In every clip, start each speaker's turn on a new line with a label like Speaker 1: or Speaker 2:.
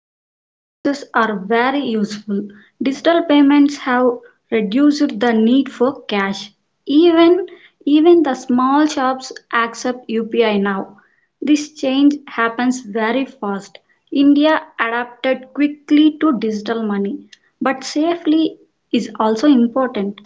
Speaker 1: Online services are very useful. Digital payments have reduced the need for cash. Even even the small shops accept UPI now. This change happens very fast. India adapted quickly to digital money, but safely is also important.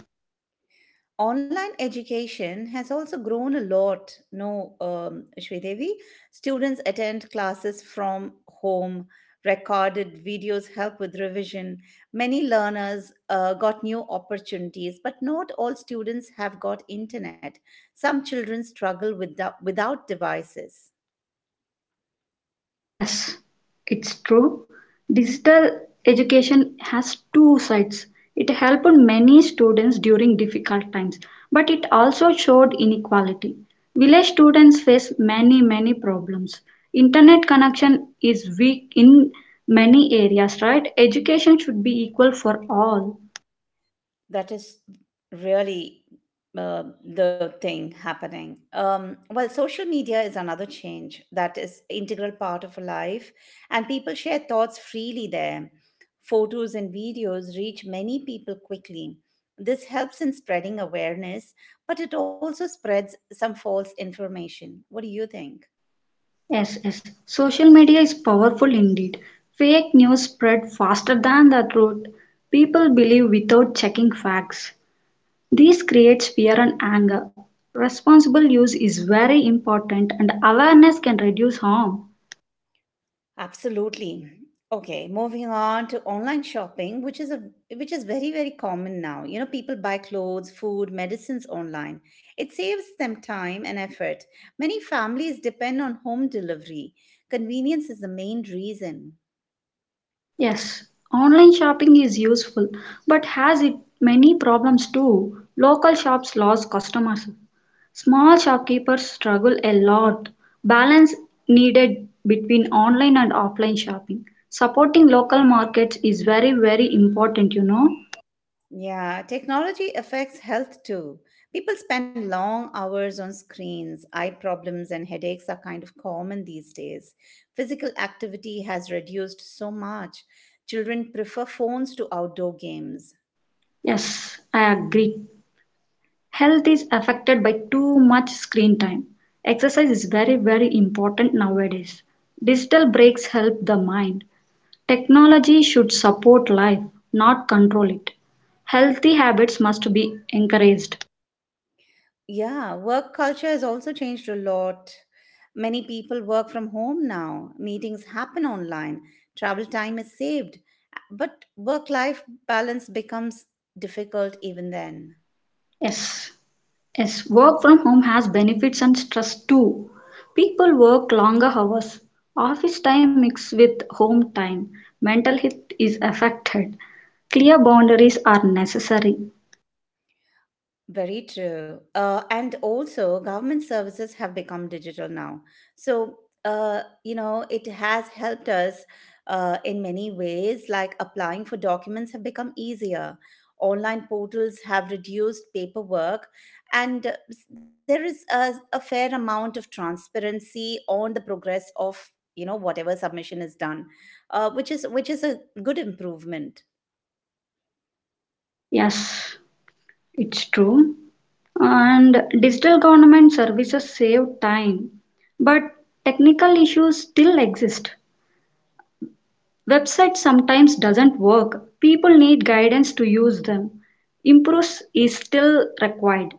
Speaker 2: Online education has also grown a lot, no, Shridevi. Students attend classes from home. Recorded videos help with revision. Many learners got new opportunities, but not all students have got internet. Some children struggle without devices.
Speaker 1: Yes, it's true. Digital education has two sides. It helped many students during difficult times, but it also showed inequality. Village students face many, many problems. Internet connection is weak in many areas, right? Education should be equal for all.
Speaker 2: That is really the thing happening. Social media is another change that is integral part of life, and people share thoughts freely there. Photos and videos reach many people quickly. This helps in spreading awareness, but it also spreads some false information. What do you think?
Speaker 1: Yes, yes. Social media is powerful indeed. Fake news spread faster than the truth. People believe without checking facts. This creates fear and anger. Responsible use is very important and awareness can reduce harm.
Speaker 2: Absolutely. Okay, moving on to online shopping, which is a which is very very common now. You know, people buy clothes, food, medicines online. It saves them time and effort. Many families depend on home delivery. Convenience is the main reason.
Speaker 1: Yes, online shopping is useful but has it many problems too. Local shops lose customers. Small shopkeepers struggle a lot. Balance needed between online and offline shopping. Supporting local markets is very, very important, you know.
Speaker 2: Yeah, technology affects health too. People spend long hours on screens. Eye problems and headaches are kind of common these days. Physical activity has reduced so much. Children prefer phones to outdoor games.
Speaker 1: Yes, I agree. Health is affected by too much screen time. Exercise is very, very important nowadays. Digital breaks help the mind. Technology should support life, not control it. Healthy habits must be encouraged.
Speaker 2: Yeah, work culture has also changed a lot. Many people work from home now. Meetings happen online. Travel time is saved. But work life balance becomes difficult even then.
Speaker 1: Yes, yes, work from home has benefits and stress too. People work longer hours. Office time mixed with home time. Mental health is affected. Clear boundaries are necessary.
Speaker 2: Very true. And also, government services have become digital now. So, it has helped us in many ways, like applying for documents have become easier. Online portals have reduced paperwork, and there is a fair amount of transparency on the progress of, you know, whatever submission is done, which is a good improvement.
Speaker 1: Yes, it's true. And digital government services save time, but technical issues still exist. Websites sometimes doesn't work. People need guidance to use them. Improves is still required.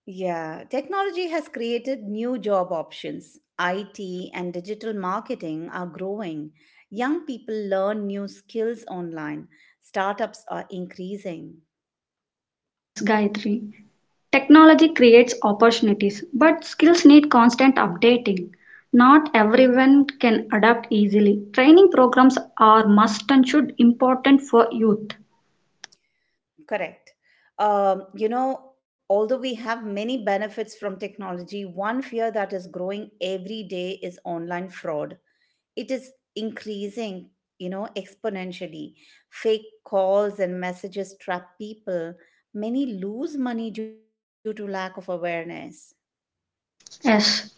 Speaker 2: Yeah, technology has created new job options. IT and digital marketing are growing. Young people learn new skills online. Startups are increasing.
Speaker 1: Yes, Gayatri. Technology creates opportunities, but skills need constant updating. Not everyone can adapt easily. Training programs are must and should important for youth.
Speaker 2: Correct. You know, although we have many benefits from technology, one fear that is growing every day is online fraud. It is increasing, you know, exponentially. Fake calls and messages trap people. Many lose money due to lack of awareness.
Speaker 1: Yes,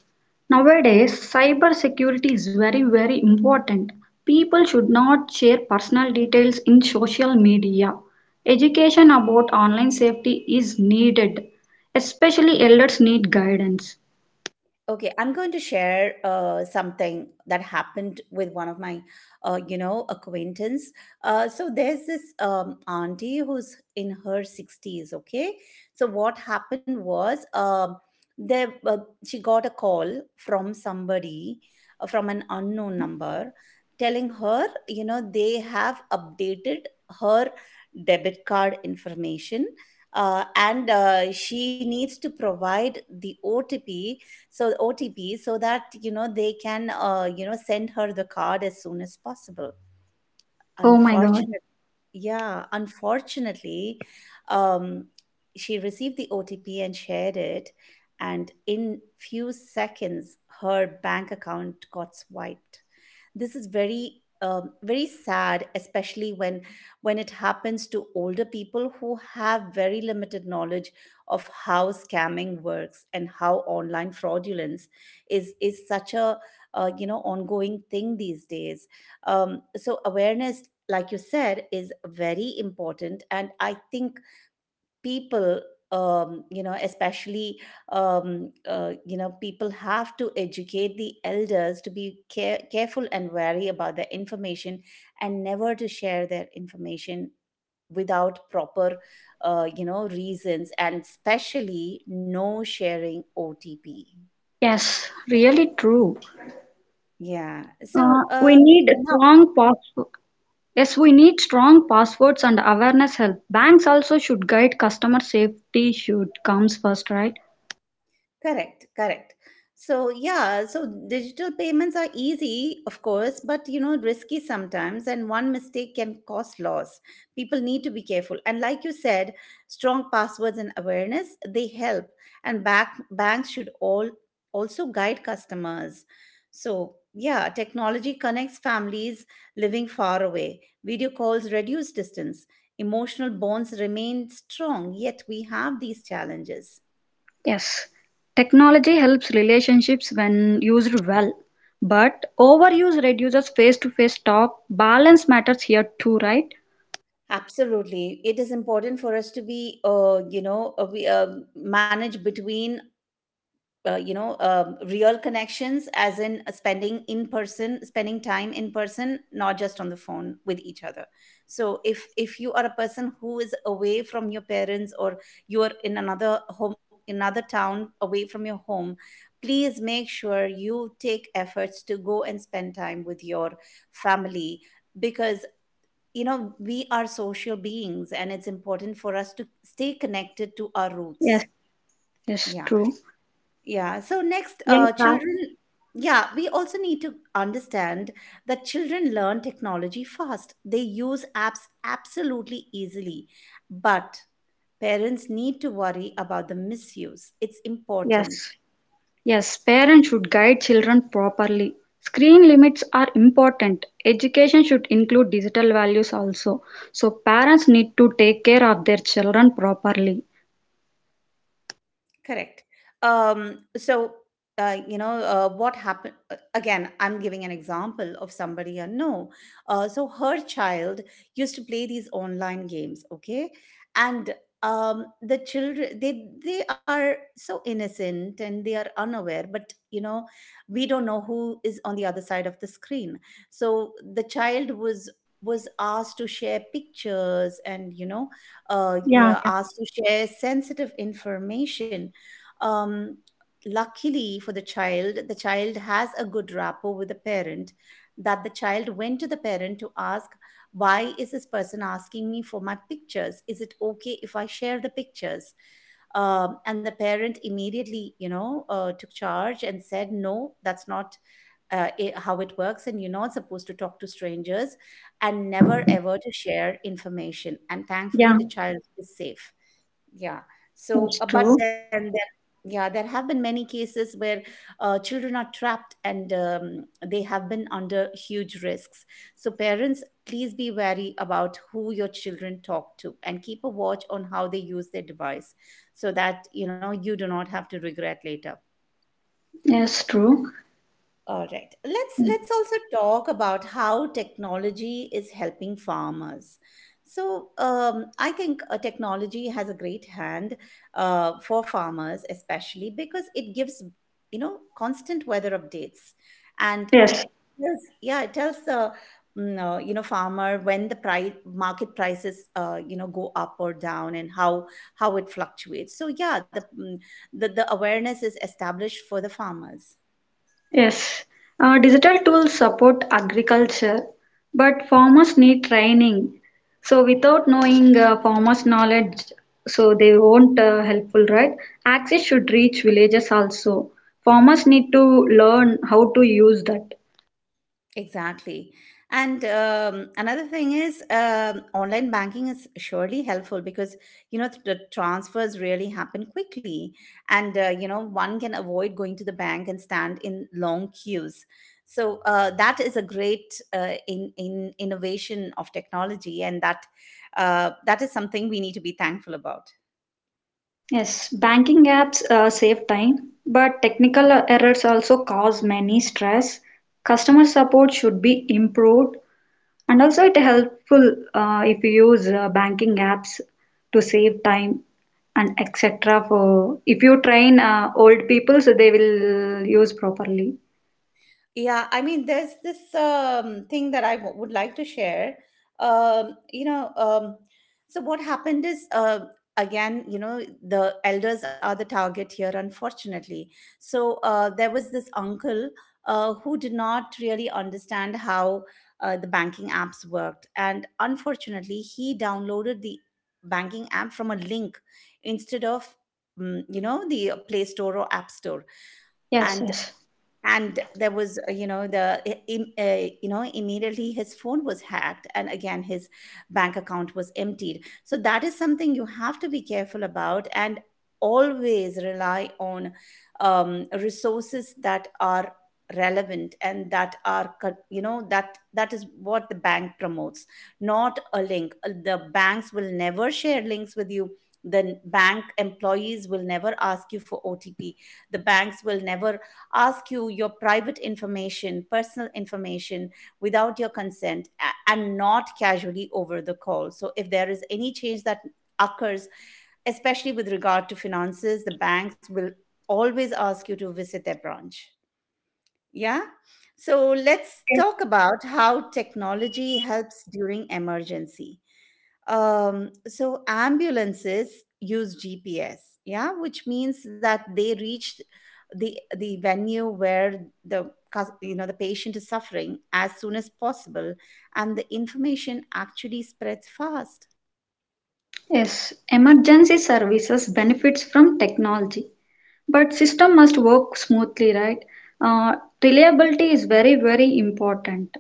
Speaker 1: nowadays cybersecurity is very, very important. People should not share personal details in social media. Education about online safety is needed, especially elders need guidance.
Speaker 2: Okay, I'm going to share something that happened with one of my, you know, acquaintance. So there's this auntie who's in her 60s. Okay, so what happened was, there she got a call from somebody, from an unknown number, telling her, you know, they have updated her debit card information. And She needs to provide the OTP, so that, you know, they can, send her the card as soon as possible.
Speaker 1: Oh my god.
Speaker 2: Unfortunately, yeah, unfortunately, um she received the otp and shared it, and in few seconds her bank account got swiped. This is very very sad, especially when it happens to older people who have very limited knowledge of how scamming works and how online fraudulence is such a you know, ongoing thing these days. So awareness, like you said, is very important, and I think people, especially, you know, people have to educate the elders to be careful and wary about their information and never to share their information without proper, you know, reasons, and especially no sharing otp.
Speaker 1: Yes, really true.
Speaker 2: Yeah, so
Speaker 1: We need strong password. Yes, we need strong passwords and awareness help. Banks also should guide customer safety should comes first, right?
Speaker 2: correct, correct. So, yeah, so digital payments are easy, of course, but, you know, risky sometimes, and one mistake can cause loss. People need to be careful. And like you said, strong passwords and awareness, they help. Banks should all also guide customers. So, yeah, technology connects families living far away. Video calls reduce distance. Emotional bonds remain strong, yet we have these challenges.
Speaker 1: Yes, technology helps relationships when used well, but overuse reduces face to face talk. Balance matters here too, right?
Speaker 2: Absolutely. It is important for us to be, you know, we manage between, real connections, as in, spending in person, spending time in person, not just on the phone with each other. So if you are a person who is away from your parents, or you are in another home, another town, away from your home, please make sure you take efforts to go and spend time with your family, because, you know, we are social beings and it's important for us to stay connected to our
Speaker 1: Yes,
Speaker 2: roots.
Speaker 1: yes,
Speaker 2: Yeah.
Speaker 1: true.
Speaker 2: Yeah. So, next,
Speaker 1: Yes, sir.
Speaker 2: children. Yeah, we also need to understand that children learn technology fast. They use apps absolutely easily. But parents need to worry about the misuse. It's
Speaker 1: Yes,
Speaker 2: important.
Speaker 1: yes. Parents should guide children properly. Screen limits are important. Education should include digital values also. So parents need to take care of their children properly.
Speaker 2: Correct. Um, so, what happened again? I'm giving an example of somebody I know. So, her child used to play these online games, okay? And the children, they are so innocent and they are unaware, but, you know, we don't know who is on the other side of the screen. So, the child was asked to share pictures and, you know,
Speaker 1: Yeah, yeah,
Speaker 2: asked to share sensitive information. Um, Luckily for the child has a good rapport with the parent. That the child went to the parent to ask, why is this person asking me for my pictures? Is it okay if I share the pictures? And the parent immediately, you know, took charge and said, no, that's not how it works, and you're not supposed to talk to strangers and never ever to share information, and
Speaker 1: yeah.
Speaker 2: thankfully the child is safe. Yeah.
Speaker 1: That's
Speaker 2: So but
Speaker 1: true.
Speaker 2: then there, yeah, there have been many cases where children are trapped and they have been under huge risks. So parents, please be wary about who your children talk to, and keep a watch on how they use their device, so that, you know, you do not have to regret later.
Speaker 1: Yes, true.
Speaker 2: All right. Let's also talk about how technology is helping farmers. So I think technology has a great hand for farmers, especially because it gives, you know, constant weather updates, and it
Speaker 1: Yes.
Speaker 2: tells, yeah, it tells the, you know, farmer when the price market prices, you know, go up or down, and how it fluctuates. So yeah, that the awareness is established for the farmers.
Speaker 1: Yes, digital tools support agriculture, but farmers need training. So without knowing farmers' knowledge, so they won't helpful, right? Access should reach villages also. Farmers need to learn how to use that.
Speaker 2: Exactly. And another thing is, online banking is surely helpful because, you know, the transfers really happen quickly. And, you know, one can avoid going to the bank and stand in long queues. So that is a great in innovation of technology. And that that is something we need to be thankful about.
Speaker 1: Yes, banking apps save time, but technical errors also cause many stress. Customer support should be improved, and also it helpful if you use banking apps to save time and etc. For if you train old people, so they will use properly.
Speaker 2: Yeah, I mean, there's this thing that I would like to share. Um, you know, um, so what happened is, again, you know, the elders are the target here, unfortunately. So there was this uncle who did not really understand how the banking apps worked. And unfortunately, he downloaded the banking app from a link instead of, the Play Store or App Store.
Speaker 1: Yes,
Speaker 2: And
Speaker 1: yes.
Speaker 2: there was, you know the I- im- you know immediately his phone was hacked, and again his bank account was emptied. So that is something you have to be careful about, and always rely on resources that are relevant and that are that is what the bank promotes, not a link. The banks will never share links with you. The bank employees will never ask you for otp. The banks will never ask you your private information, personal information, without your consent, and not casually over the call. So if there is any change that occurs, especially with regard to finances, the banks will always ask you to visit their branch. Yeah. So let's
Speaker 1: Okay.
Speaker 2: talk about how technology helps during emergency. So ambulances use GPS, yeah, which means that they reached the venue where the, the patient is suffering as soon as possible, and the information actually spreads fast.
Speaker 1: Yes, emergency services benefits from technology, but system must work smoothly, right? Uh, reliability is very, very important.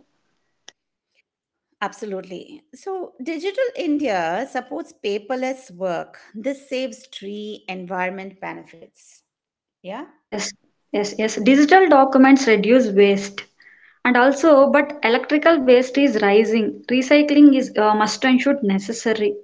Speaker 2: Absolutely. So, Digital India supports paperless work. This saves tree environment benefits. Yeah.
Speaker 1: Yes, yes, yes. Digital documents reduce waste. And also, but electrical waste is rising. Recycling is must and should necessary.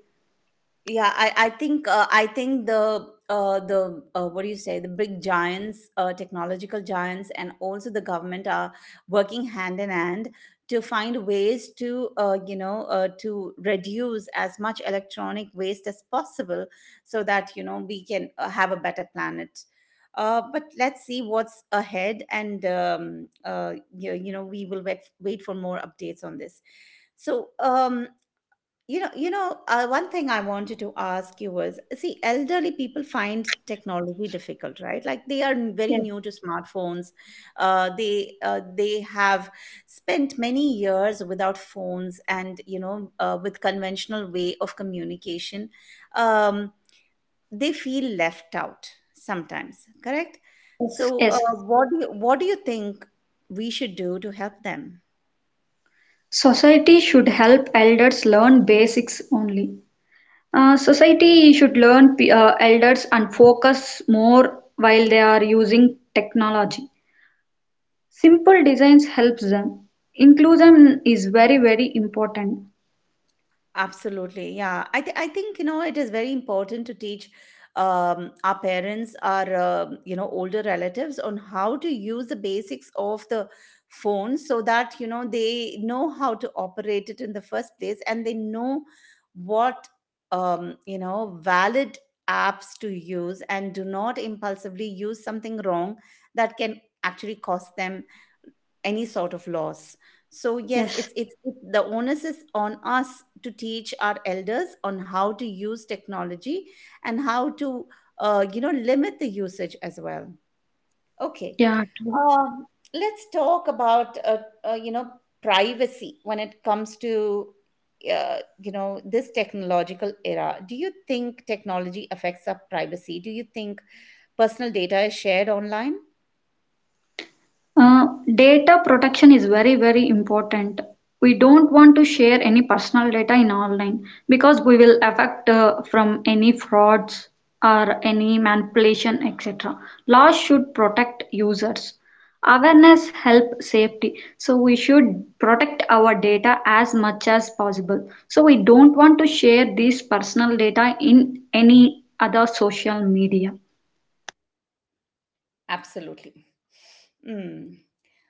Speaker 2: Yeah, I think I think the what do you say, the big giants, technological giants, and also the government are working hand in hand to find ways to, to reduce as much electronic waste as possible, so that, you know, we can have a better planet. But let's see what's ahead, and you know, we will wait for more updates on this. So one thing I wanted to ask you was, see, elderly people find technology difficult, right? Like they are very
Speaker 1: Yes,
Speaker 2: new to smartphones. They have spent many years without phones and with conventional way of communication. Um, they feel left out sometimes, correct?
Speaker 1: yes,
Speaker 2: So,
Speaker 1: yes.
Speaker 2: what do you think we should do to help them?
Speaker 1: Society should help elders learn basics only. Society should learn elders and focus more while they are using technology. Simple designs helps them. Inclusion is very, very important.
Speaker 2: Absolutely, yeah. I think you know it is very important to teach our parents, our you know older relatives, on how to use the basics of the phone, so that you know they know how to operate it in the first place, and they know what you know valid apps to use, and do not impulsively use something wrong that can actually cost them any sort of loss. So yes,
Speaker 1: Yes.
Speaker 2: it's the onus is on us to teach our elders on how to use technology and how to you know limit the usage as well. Okay.
Speaker 1: Yeah, true.
Speaker 2: um, let's talk about you know privacy when it comes to you know this technological era. Do you think technology affects our privacy? Do you think personal data is shared online?
Speaker 1: Uh, Data protection is very, very important. We don't want to share any personal data in online because we will affect from any frauds or any manipulation, etc. Laws should protect users. Awareness help safety. So we should protect our data as much as possible. So we don't want to share this personal data in any other social media.
Speaker 2: Absolutely. Mm.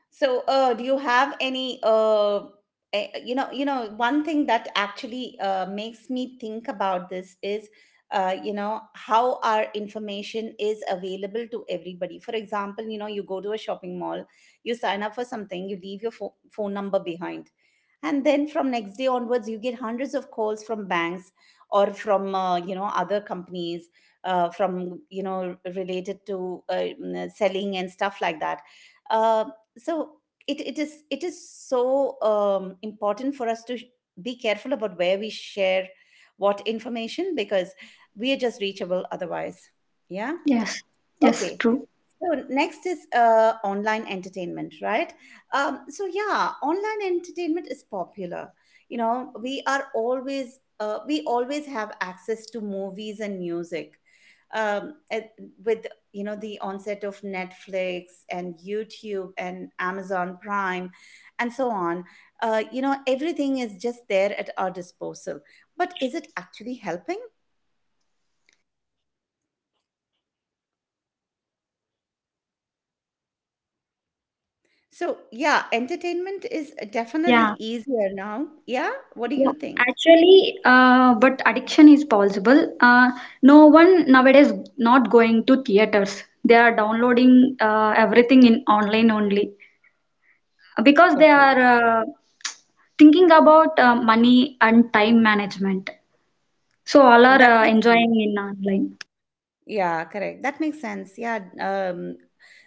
Speaker 2: So, do you have any, one thing that actually makes me think about this is, you know, how our information is available to everybody. For example, you know, you go to a shopping mall, you sign up for something, you leave your phone number behind, and then from next day onwards, you get hundreds of calls from banks or from you know other companies, from you know related to selling and stuff like that. Uh, so it is so important for us to be careful about where we share what information, because we are just reachable otherwise. Yeah.
Speaker 1: Yes, yes,
Speaker 2: Okay.
Speaker 1: true.
Speaker 2: So next is online entertainment, right? So yeah, online entertainment is popular. You know, we always have access to movies and music. Um, at- with you know the onset of Netflix and YouTube and Amazon Prime and so on, you know everything is just there at our disposal. But is it actually helping? So, yeah, entertainment is definitely
Speaker 1: Yeah.
Speaker 2: easier now. Yeah, what do
Speaker 1: Yeah,
Speaker 2: you think?
Speaker 1: actually, but addiction is possible. No one nowadays not going to theaters. They are downloading everything in online only because they
Speaker 2: Okay,
Speaker 1: are uh, thinking about money and time management. So all are
Speaker 2: that makes sense.
Speaker 1: enjoying in online.
Speaker 2: Yeah, correct. That makes sense. Yeah. Um,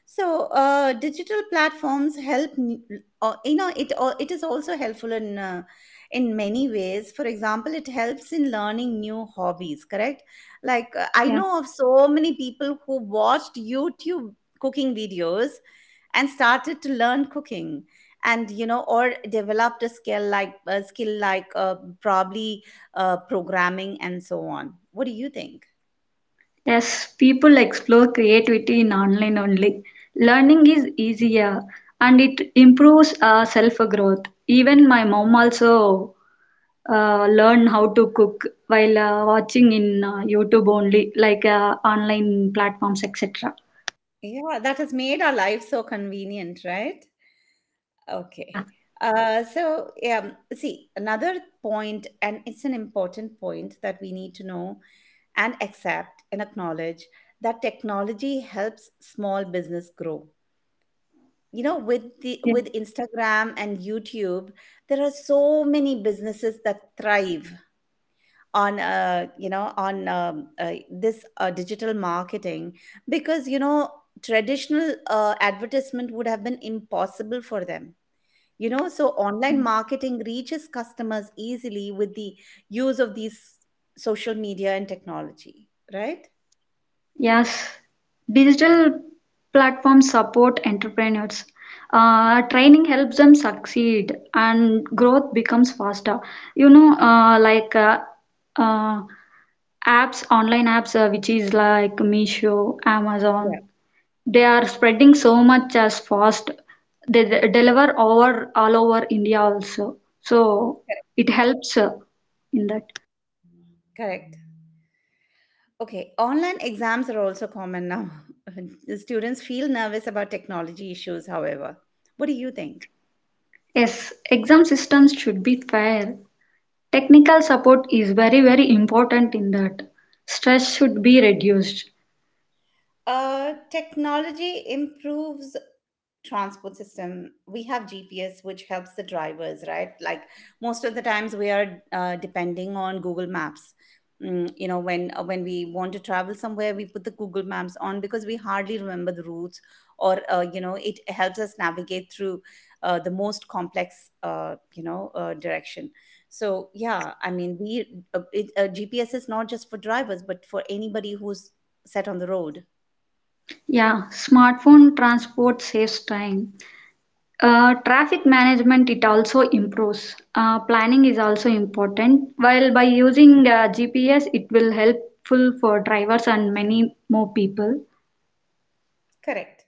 Speaker 2: so, uh, Digital platforms help. You know, it is also helpful in many ways. For example, it helps in learning new hobbies. Correct. Like I
Speaker 1: Yeah.
Speaker 2: know of so many people who watched YouTube cooking videos and started to learn cooking, and you know, or developed a skill, probably programming and so on. What do you think?
Speaker 1: Yes, people explore creativity in online only. Learning is easier and it improves self growth. Even my mom also learn how to cook while watching in YouTube only, like online platforms, etc.
Speaker 2: Yeah, that has made our life so convenient, right? Okay.
Speaker 1: Yeah.
Speaker 2: So yeah, see, another point, and it's an important point that we need to know and accept and acknowledge, that technology helps small business grow, you know, with the
Speaker 1: Yeah.
Speaker 2: with Instagram and YouTube. There are so many businesses that thrive on you know, on this digital marketing, because you know traditional advertisement would have been impossible for them. You know, so online marketing reaches customers easily with the use of these social media and technology, right?
Speaker 1: Yes, digital platforms support entrepreneurs. Training helps them succeed and growth becomes faster. You know, uh, apps, online apps, which is like Meesho,
Speaker 2: Yeah,
Speaker 1: Amazon, they are spreading so much as fast. Deliver over all over India also. So
Speaker 2: correct.
Speaker 1: it helps in that.
Speaker 2: Correct. Okay, online exams are also common now. The Students feel nervous about technology issues, however. What do you think?
Speaker 1: Yes, exam systems should be fair. Technical support is very, very important in that. Stress should be reduced.
Speaker 2: Technology improves transport system. We have GPS, which helps the drivers, right? Like most of the times we are depending on Google Maps. Mm, you know, when we want to travel somewhere, we put the Google Maps on, because we hardly remember the routes, or you know, it helps us navigate through the most complex you know direction. So yeah, I mean, GPS is not just for drivers but for anybody who's set on the road.
Speaker 1: Yeah, smartphone transport saves time. Traffic management it also improves. Planning is also important. While by using GPS, it will helpful for drivers and many more people.
Speaker 2: Correct.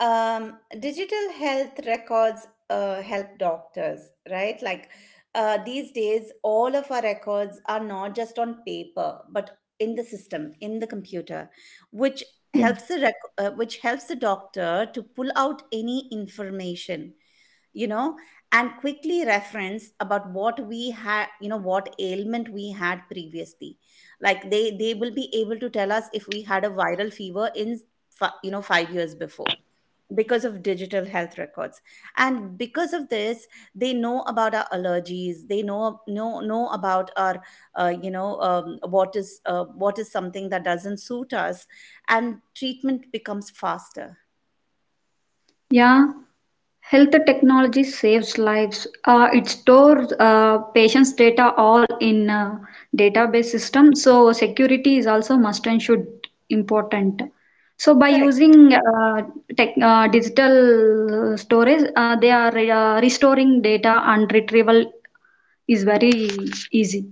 Speaker 2: Digital health records help doctors, right? Like these days, all of our records are not just on paper, but in the system, in the computer, which
Speaker 1: Yeah.
Speaker 2: helps the rec- which helps the doctor to pull out any information, you know, and quickly reference about what we had, you know, what ailment we had previously. Like they will be able to tell us if we had a viral fever in you know 5 years before, because of digital health records. And because of this, they know about our allergies, they know about our you know what is something that doesn't suit us, and treatment becomes faster.
Speaker 1: Yeah. Health technology saves lives. It stores patients' data all in a database system. So security is also must and should important. So by
Speaker 2: Correct.
Speaker 1: using digital storage, they are restoring data and retrieval is very easy.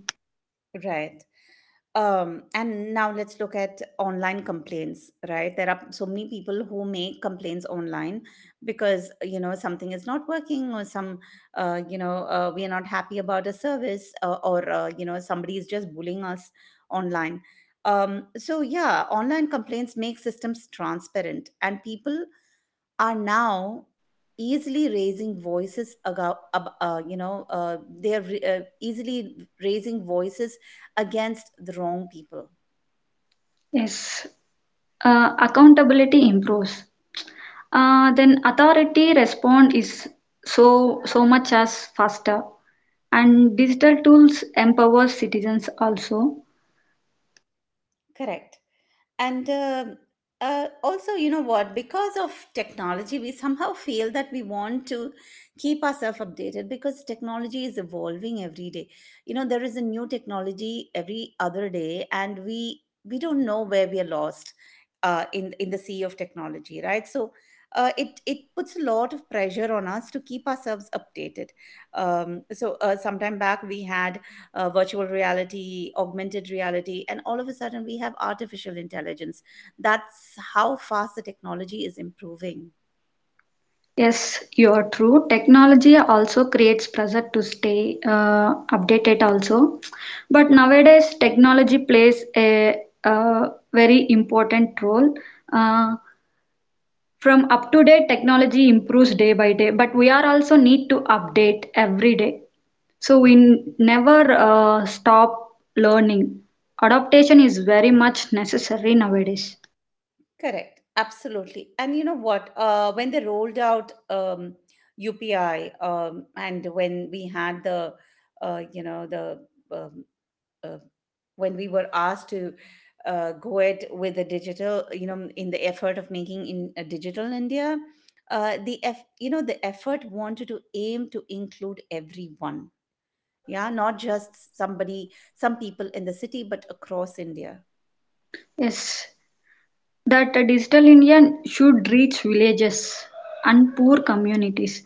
Speaker 2: Right. And now let's look at online complaints, right? There are so many people who make complaints online because you know something is not working, or some you know we are not happy about a service, or you know somebody is just bullying us online. So yeah, online complaints make systems transparent, and people are now easily raising voices about, you know easily raising voices against the wrong people.
Speaker 1: Yes. Accountability improves. Then authority respond is so so much as faster, and digital tools empower citizens also.
Speaker 2: Correct. And also, you know what, because of technology, we somehow feel that we want to keep ourselves updated, because technology is evolving every day. You know, there is a new technology every other day, and we don't know where we are lost in the sea of technology, right? So it puts a lot of pressure on us to keep ourselves updated. Sometime back we had virtual reality, augmented reality, and all of a sudden we have artificial intelligence. That's how fast the technology is improving.
Speaker 1: Yes, you are true. Technology also creates pressure to stay updated also, but nowadays technology plays a, uh very important role. Uh, from up to date technology improves day by day but we are also need to update every day so we never stop learning. Adaptation is very much necessary nowadays.
Speaker 2: Correct. Absolutely. And you know what? When they rolled out UPI, and when we had the, you know, the um, uh, when we were asked to go it with the digital, you know, in the effort of making in a digital India, you know, the effort wanted to aim to include everyone. Yeah, not just somebody, some people in the city, but across India.
Speaker 1: Yes, that digital India should reach villages and poor communities.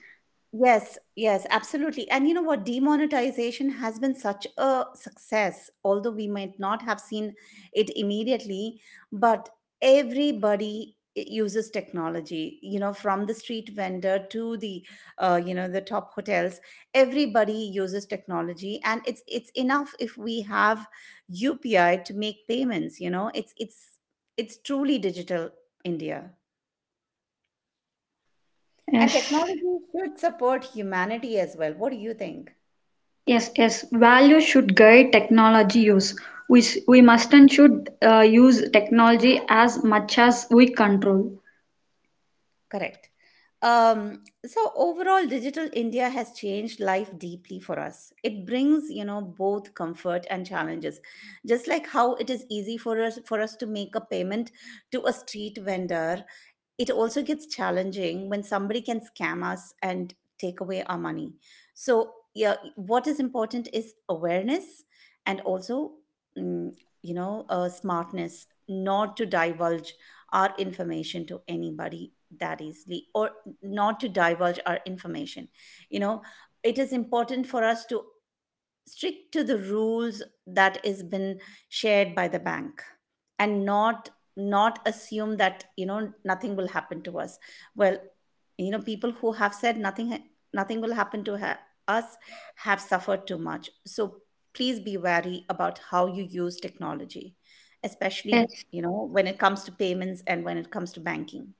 Speaker 2: Yes, yes, absolutely. And you know what? Demonetization has been such a success, although we might not have seen it immediately, but everybody uses technology, you know, from the street vendor to the you know, the top hotels. Everybody uses technology, and it's enough if we have UPI to make payments, you know. It's truly digital India. And
Speaker 1: Yes,
Speaker 2: technology should support humanity as well. What do you think?
Speaker 1: yes, yes. Value should guide technology use. We must and should use technology as much as we control.
Speaker 2: Correct. So overall, digital India has changed life deeply for us. It brings, you know, both comfort and challenges. Just like how it is easy for us to make a payment to a street vendor, it also gets challenging when somebody can scam us and take away our money. So, yeah, what is important is awareness, and also, mm, you know, smartness, not to divulge our information to anybody that easily, or not to divulge our information. You know, it is important for us to strict to the rules that is been shared by the bank, and not assume that you know nothing will happen to us. Well, you know, people who have said nothing will happen to us have suffered too much. So please be wary about how you use technology, especially
Speaker 1: Yes.
Speaker 2: you know when it comes to payments and when it comes to banking.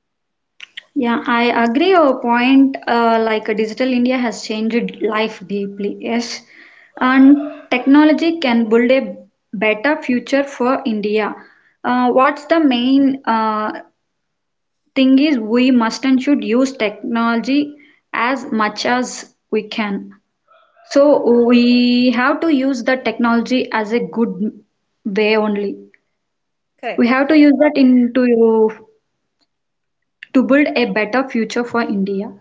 Speaker 1: Yeah, I agree your point. Digital India has changed life deeply. Yes, and technology can build a better future for India. What's the main thing is we must and should use technology as much as we can. So we have to use the technology as a good way only. We
Speaker 2: Correct.
Speaker 1: have to use
Speaker 2: Uh,
Speaker 1: that into to build a better future for India.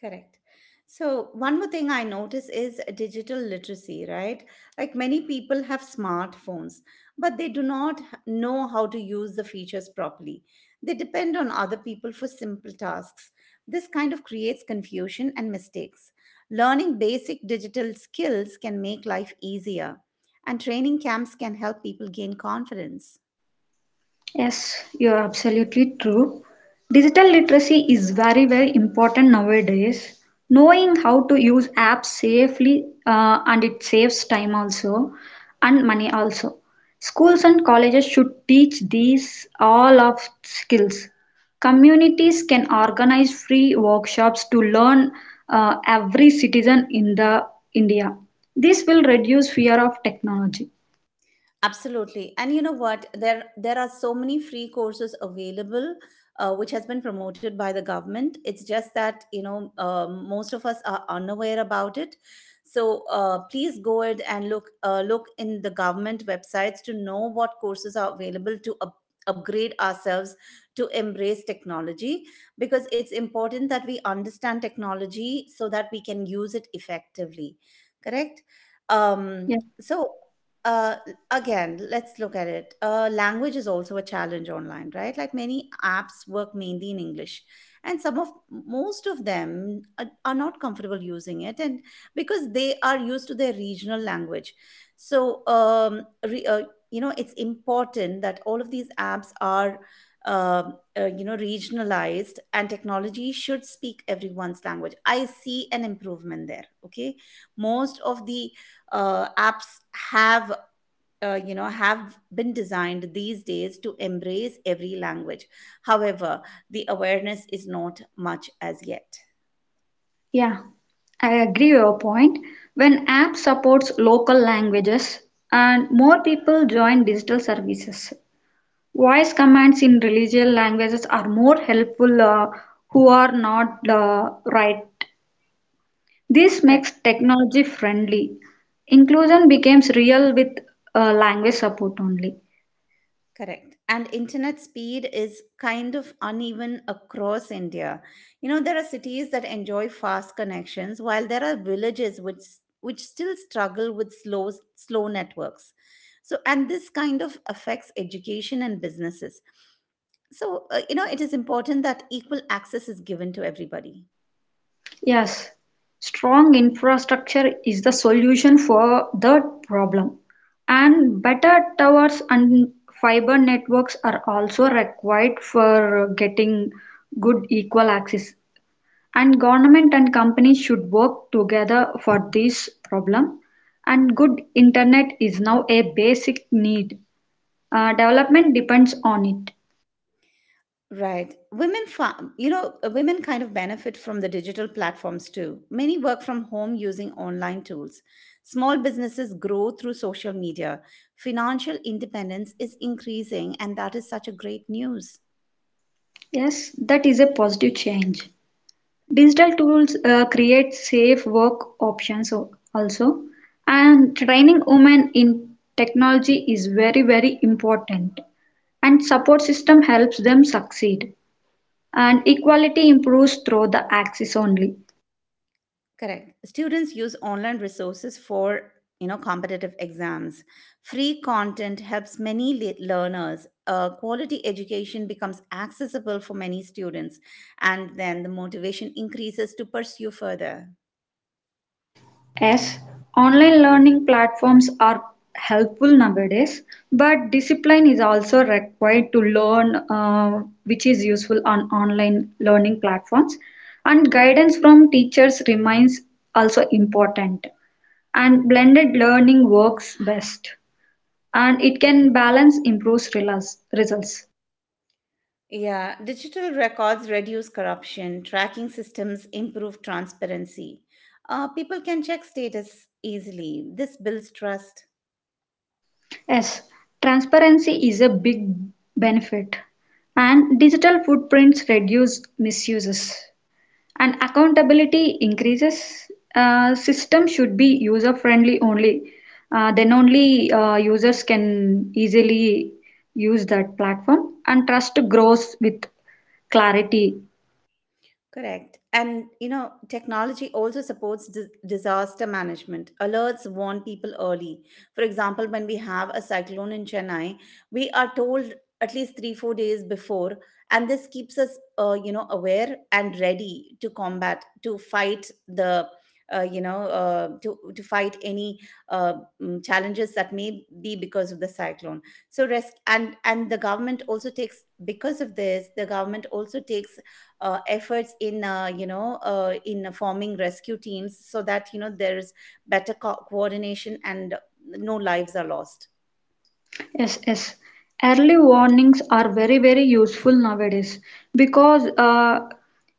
Speaker 2: Correct. So, one more thing I notice is digital literacy, right? Like many people have smartphones, but they do not know how to use the features properly. They depend on other people for simple tasks. This kind of creates confusion and mistakes. Learning basic digital skills can make life easier, and training camps can help people gain confidence.
Speaker 1: Yes, you're absolutely true. Digital literacy is very, very important nowadays. Knowing how to use apps safely and it saves time also and money also. Schools and colleges should teach these all of skills. Communities can organize free workshops to learn every citizen in the India. This will reduce fear of technology.
Speaker 2: Absolutely. And you know what? There are so many free courses available, which has been promoted by the government. It's just that you know most of us are unaware about it. So please go ahead and look in the government websites to know what courses are available to upgrade ourselves to embrace technology, because it's important that we understand technology so that we can use it effectively. Correct. Um,
Speaker 1: Yes.
Speaker 2: so. Uh, Again, let's look at it. Language is also a challenge online, right? Like many apps work mainly in English, and some of most of them are not comfortable using it, and because they are used to their regional language. So, you know, it's important that all of these apps are. Uh, you know, regionalized, and technology should speak everyone's language. I see an improvement there. Okay, most of the apps have you know have been designed these days to embrace every language. However, the awareness is not much as yet.
Speaker 1: Yeah, I agree with your point. When app supports local languages and more people join digital services, voice commands in religious languages are more helpful who are not right. This
Speaker 2: Correct.
Speaker 1: makes technology friendly. Inclusion becomes real with language support only.
Speaker 2: Correct. And internet speed is kind of uneven across India. You know, there are cities that enjoy fast connections, while there are villages which still struggle with slow networks. So, and this kind of affects education and businesses. So you know, it is important that equal access is given to everybody.
Speaker 1: Yes, strong infrastructure is the solution for the problem, and better towers and fiber networks are also required for getting good equal access. And government and companies should work together for this problem. And good internet is now a basic need. Development depends on it.
Speaker 2: Right. You know, women kind of benefit from the digital platforms too. Many work from home using online tools. Small businesses grow through social media. Financial independence is increasing, and that is such a great news.
Speaker 1: Yes, that is a positive change. Digital tools create safe work options also, and training women in technology is very, very important. And support system helps them succeed. And equality improves through the access only.
Speaker 2: Correct. Students use online resources for, you know, competitive exams. Free content helps many learners. Quality education becomes accessible for many students, and then the motivation increases to pursue further.
Speaker 1: Yes, online learning platforms are helpful nowadays, but discipline is also required to learn, which is useful on online learning platforms. And guidance from teachers remains also important. And blended learning works best, and it can balance improves results.
Speaker 2: Yeah, digital records reduce corruption, tracking systems improve transparency. People can check status easily. This builds trust.
Speaker 1: Yes, transparency is a big benefit, and digital footprints reduce misuses, and accountability increases. System should be user friendly only. Then only users can easily use that platform and trust grows with clarity.
Speaker 2: Correct. And you know, technology also supports disaster management. Alerts warn people early. For example, when we have a cyclone in Chennai, we are told at least 3 4 days before, and this keeps us you know aware and ready to combat to fight the you know to fight any uh, challenges that may be because of the cyclone. So risk, and the government also takes, because of this, the government also takes efforts in you know in forming rescue teams, so that you know there's better coordination and no lives are lost.
Speaker 1: Yes, yes. Early warnings are very, very useful nowadays because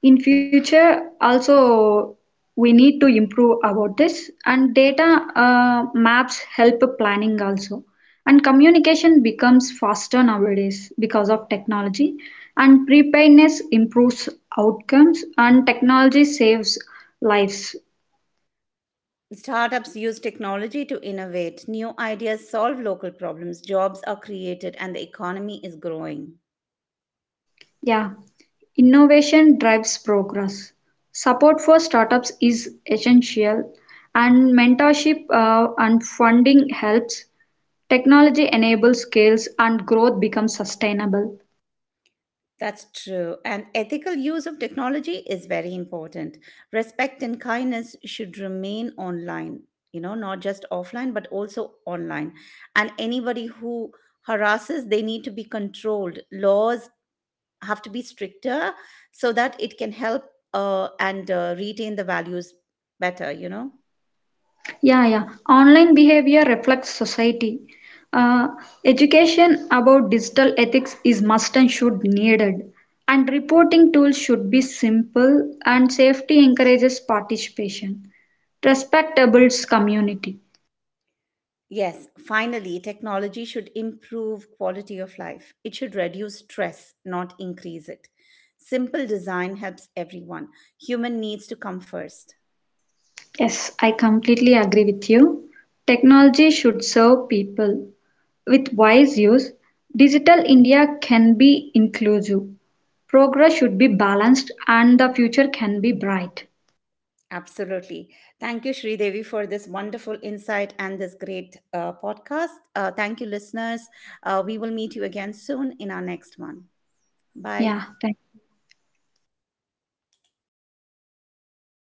Speaker 1: in future also we need to improve about this, and data maps help planning also, and communication becomes faster nowadays because of technology, and preparedness improves outcomes, and technology saves lives.
Speaker 2: Startups use technology to innovate new ideas, solve local problems, jobs are created, and the economy is growing.
Speaker 1: Yeah, innovation drives progress. Support for startups is essential, and mentorship and funding helps. Technology enables skills, and growth becomes sustainable.
Speaker 2: That's true. And ethical use of technology is very important. Respect and kindness should remain online, you know, not just offline, but also online. And anybody who harasses, they need to be controlled. Laws have to be stricter so that it can help and retain the values better, you know?
Speaker 1: Yeah, yeah. Online behavior reflects society. Uh, education about digital ethics is must and should needed. And reporting tools should be simple, and safety encourages participation. Respect builds community.
Speaker 2: Yes, finally, technology should improve quality of life. It should reduce stress, not increase it. Simple design helps everyone. Human needs to come first.
Speaker 1: Yes, I completely agree with you. Technology should serve people. With wise use, Digital India can be inclusive. Progress should be balanced and the future can be bright.
Speaker 2: Absolutely. Thank you, Shri Devi, for this wonderful insight and this great podcast. Thank you, listeners. We will meet you again soon in our next one. Bye.
Speaker 1: Yeah, thank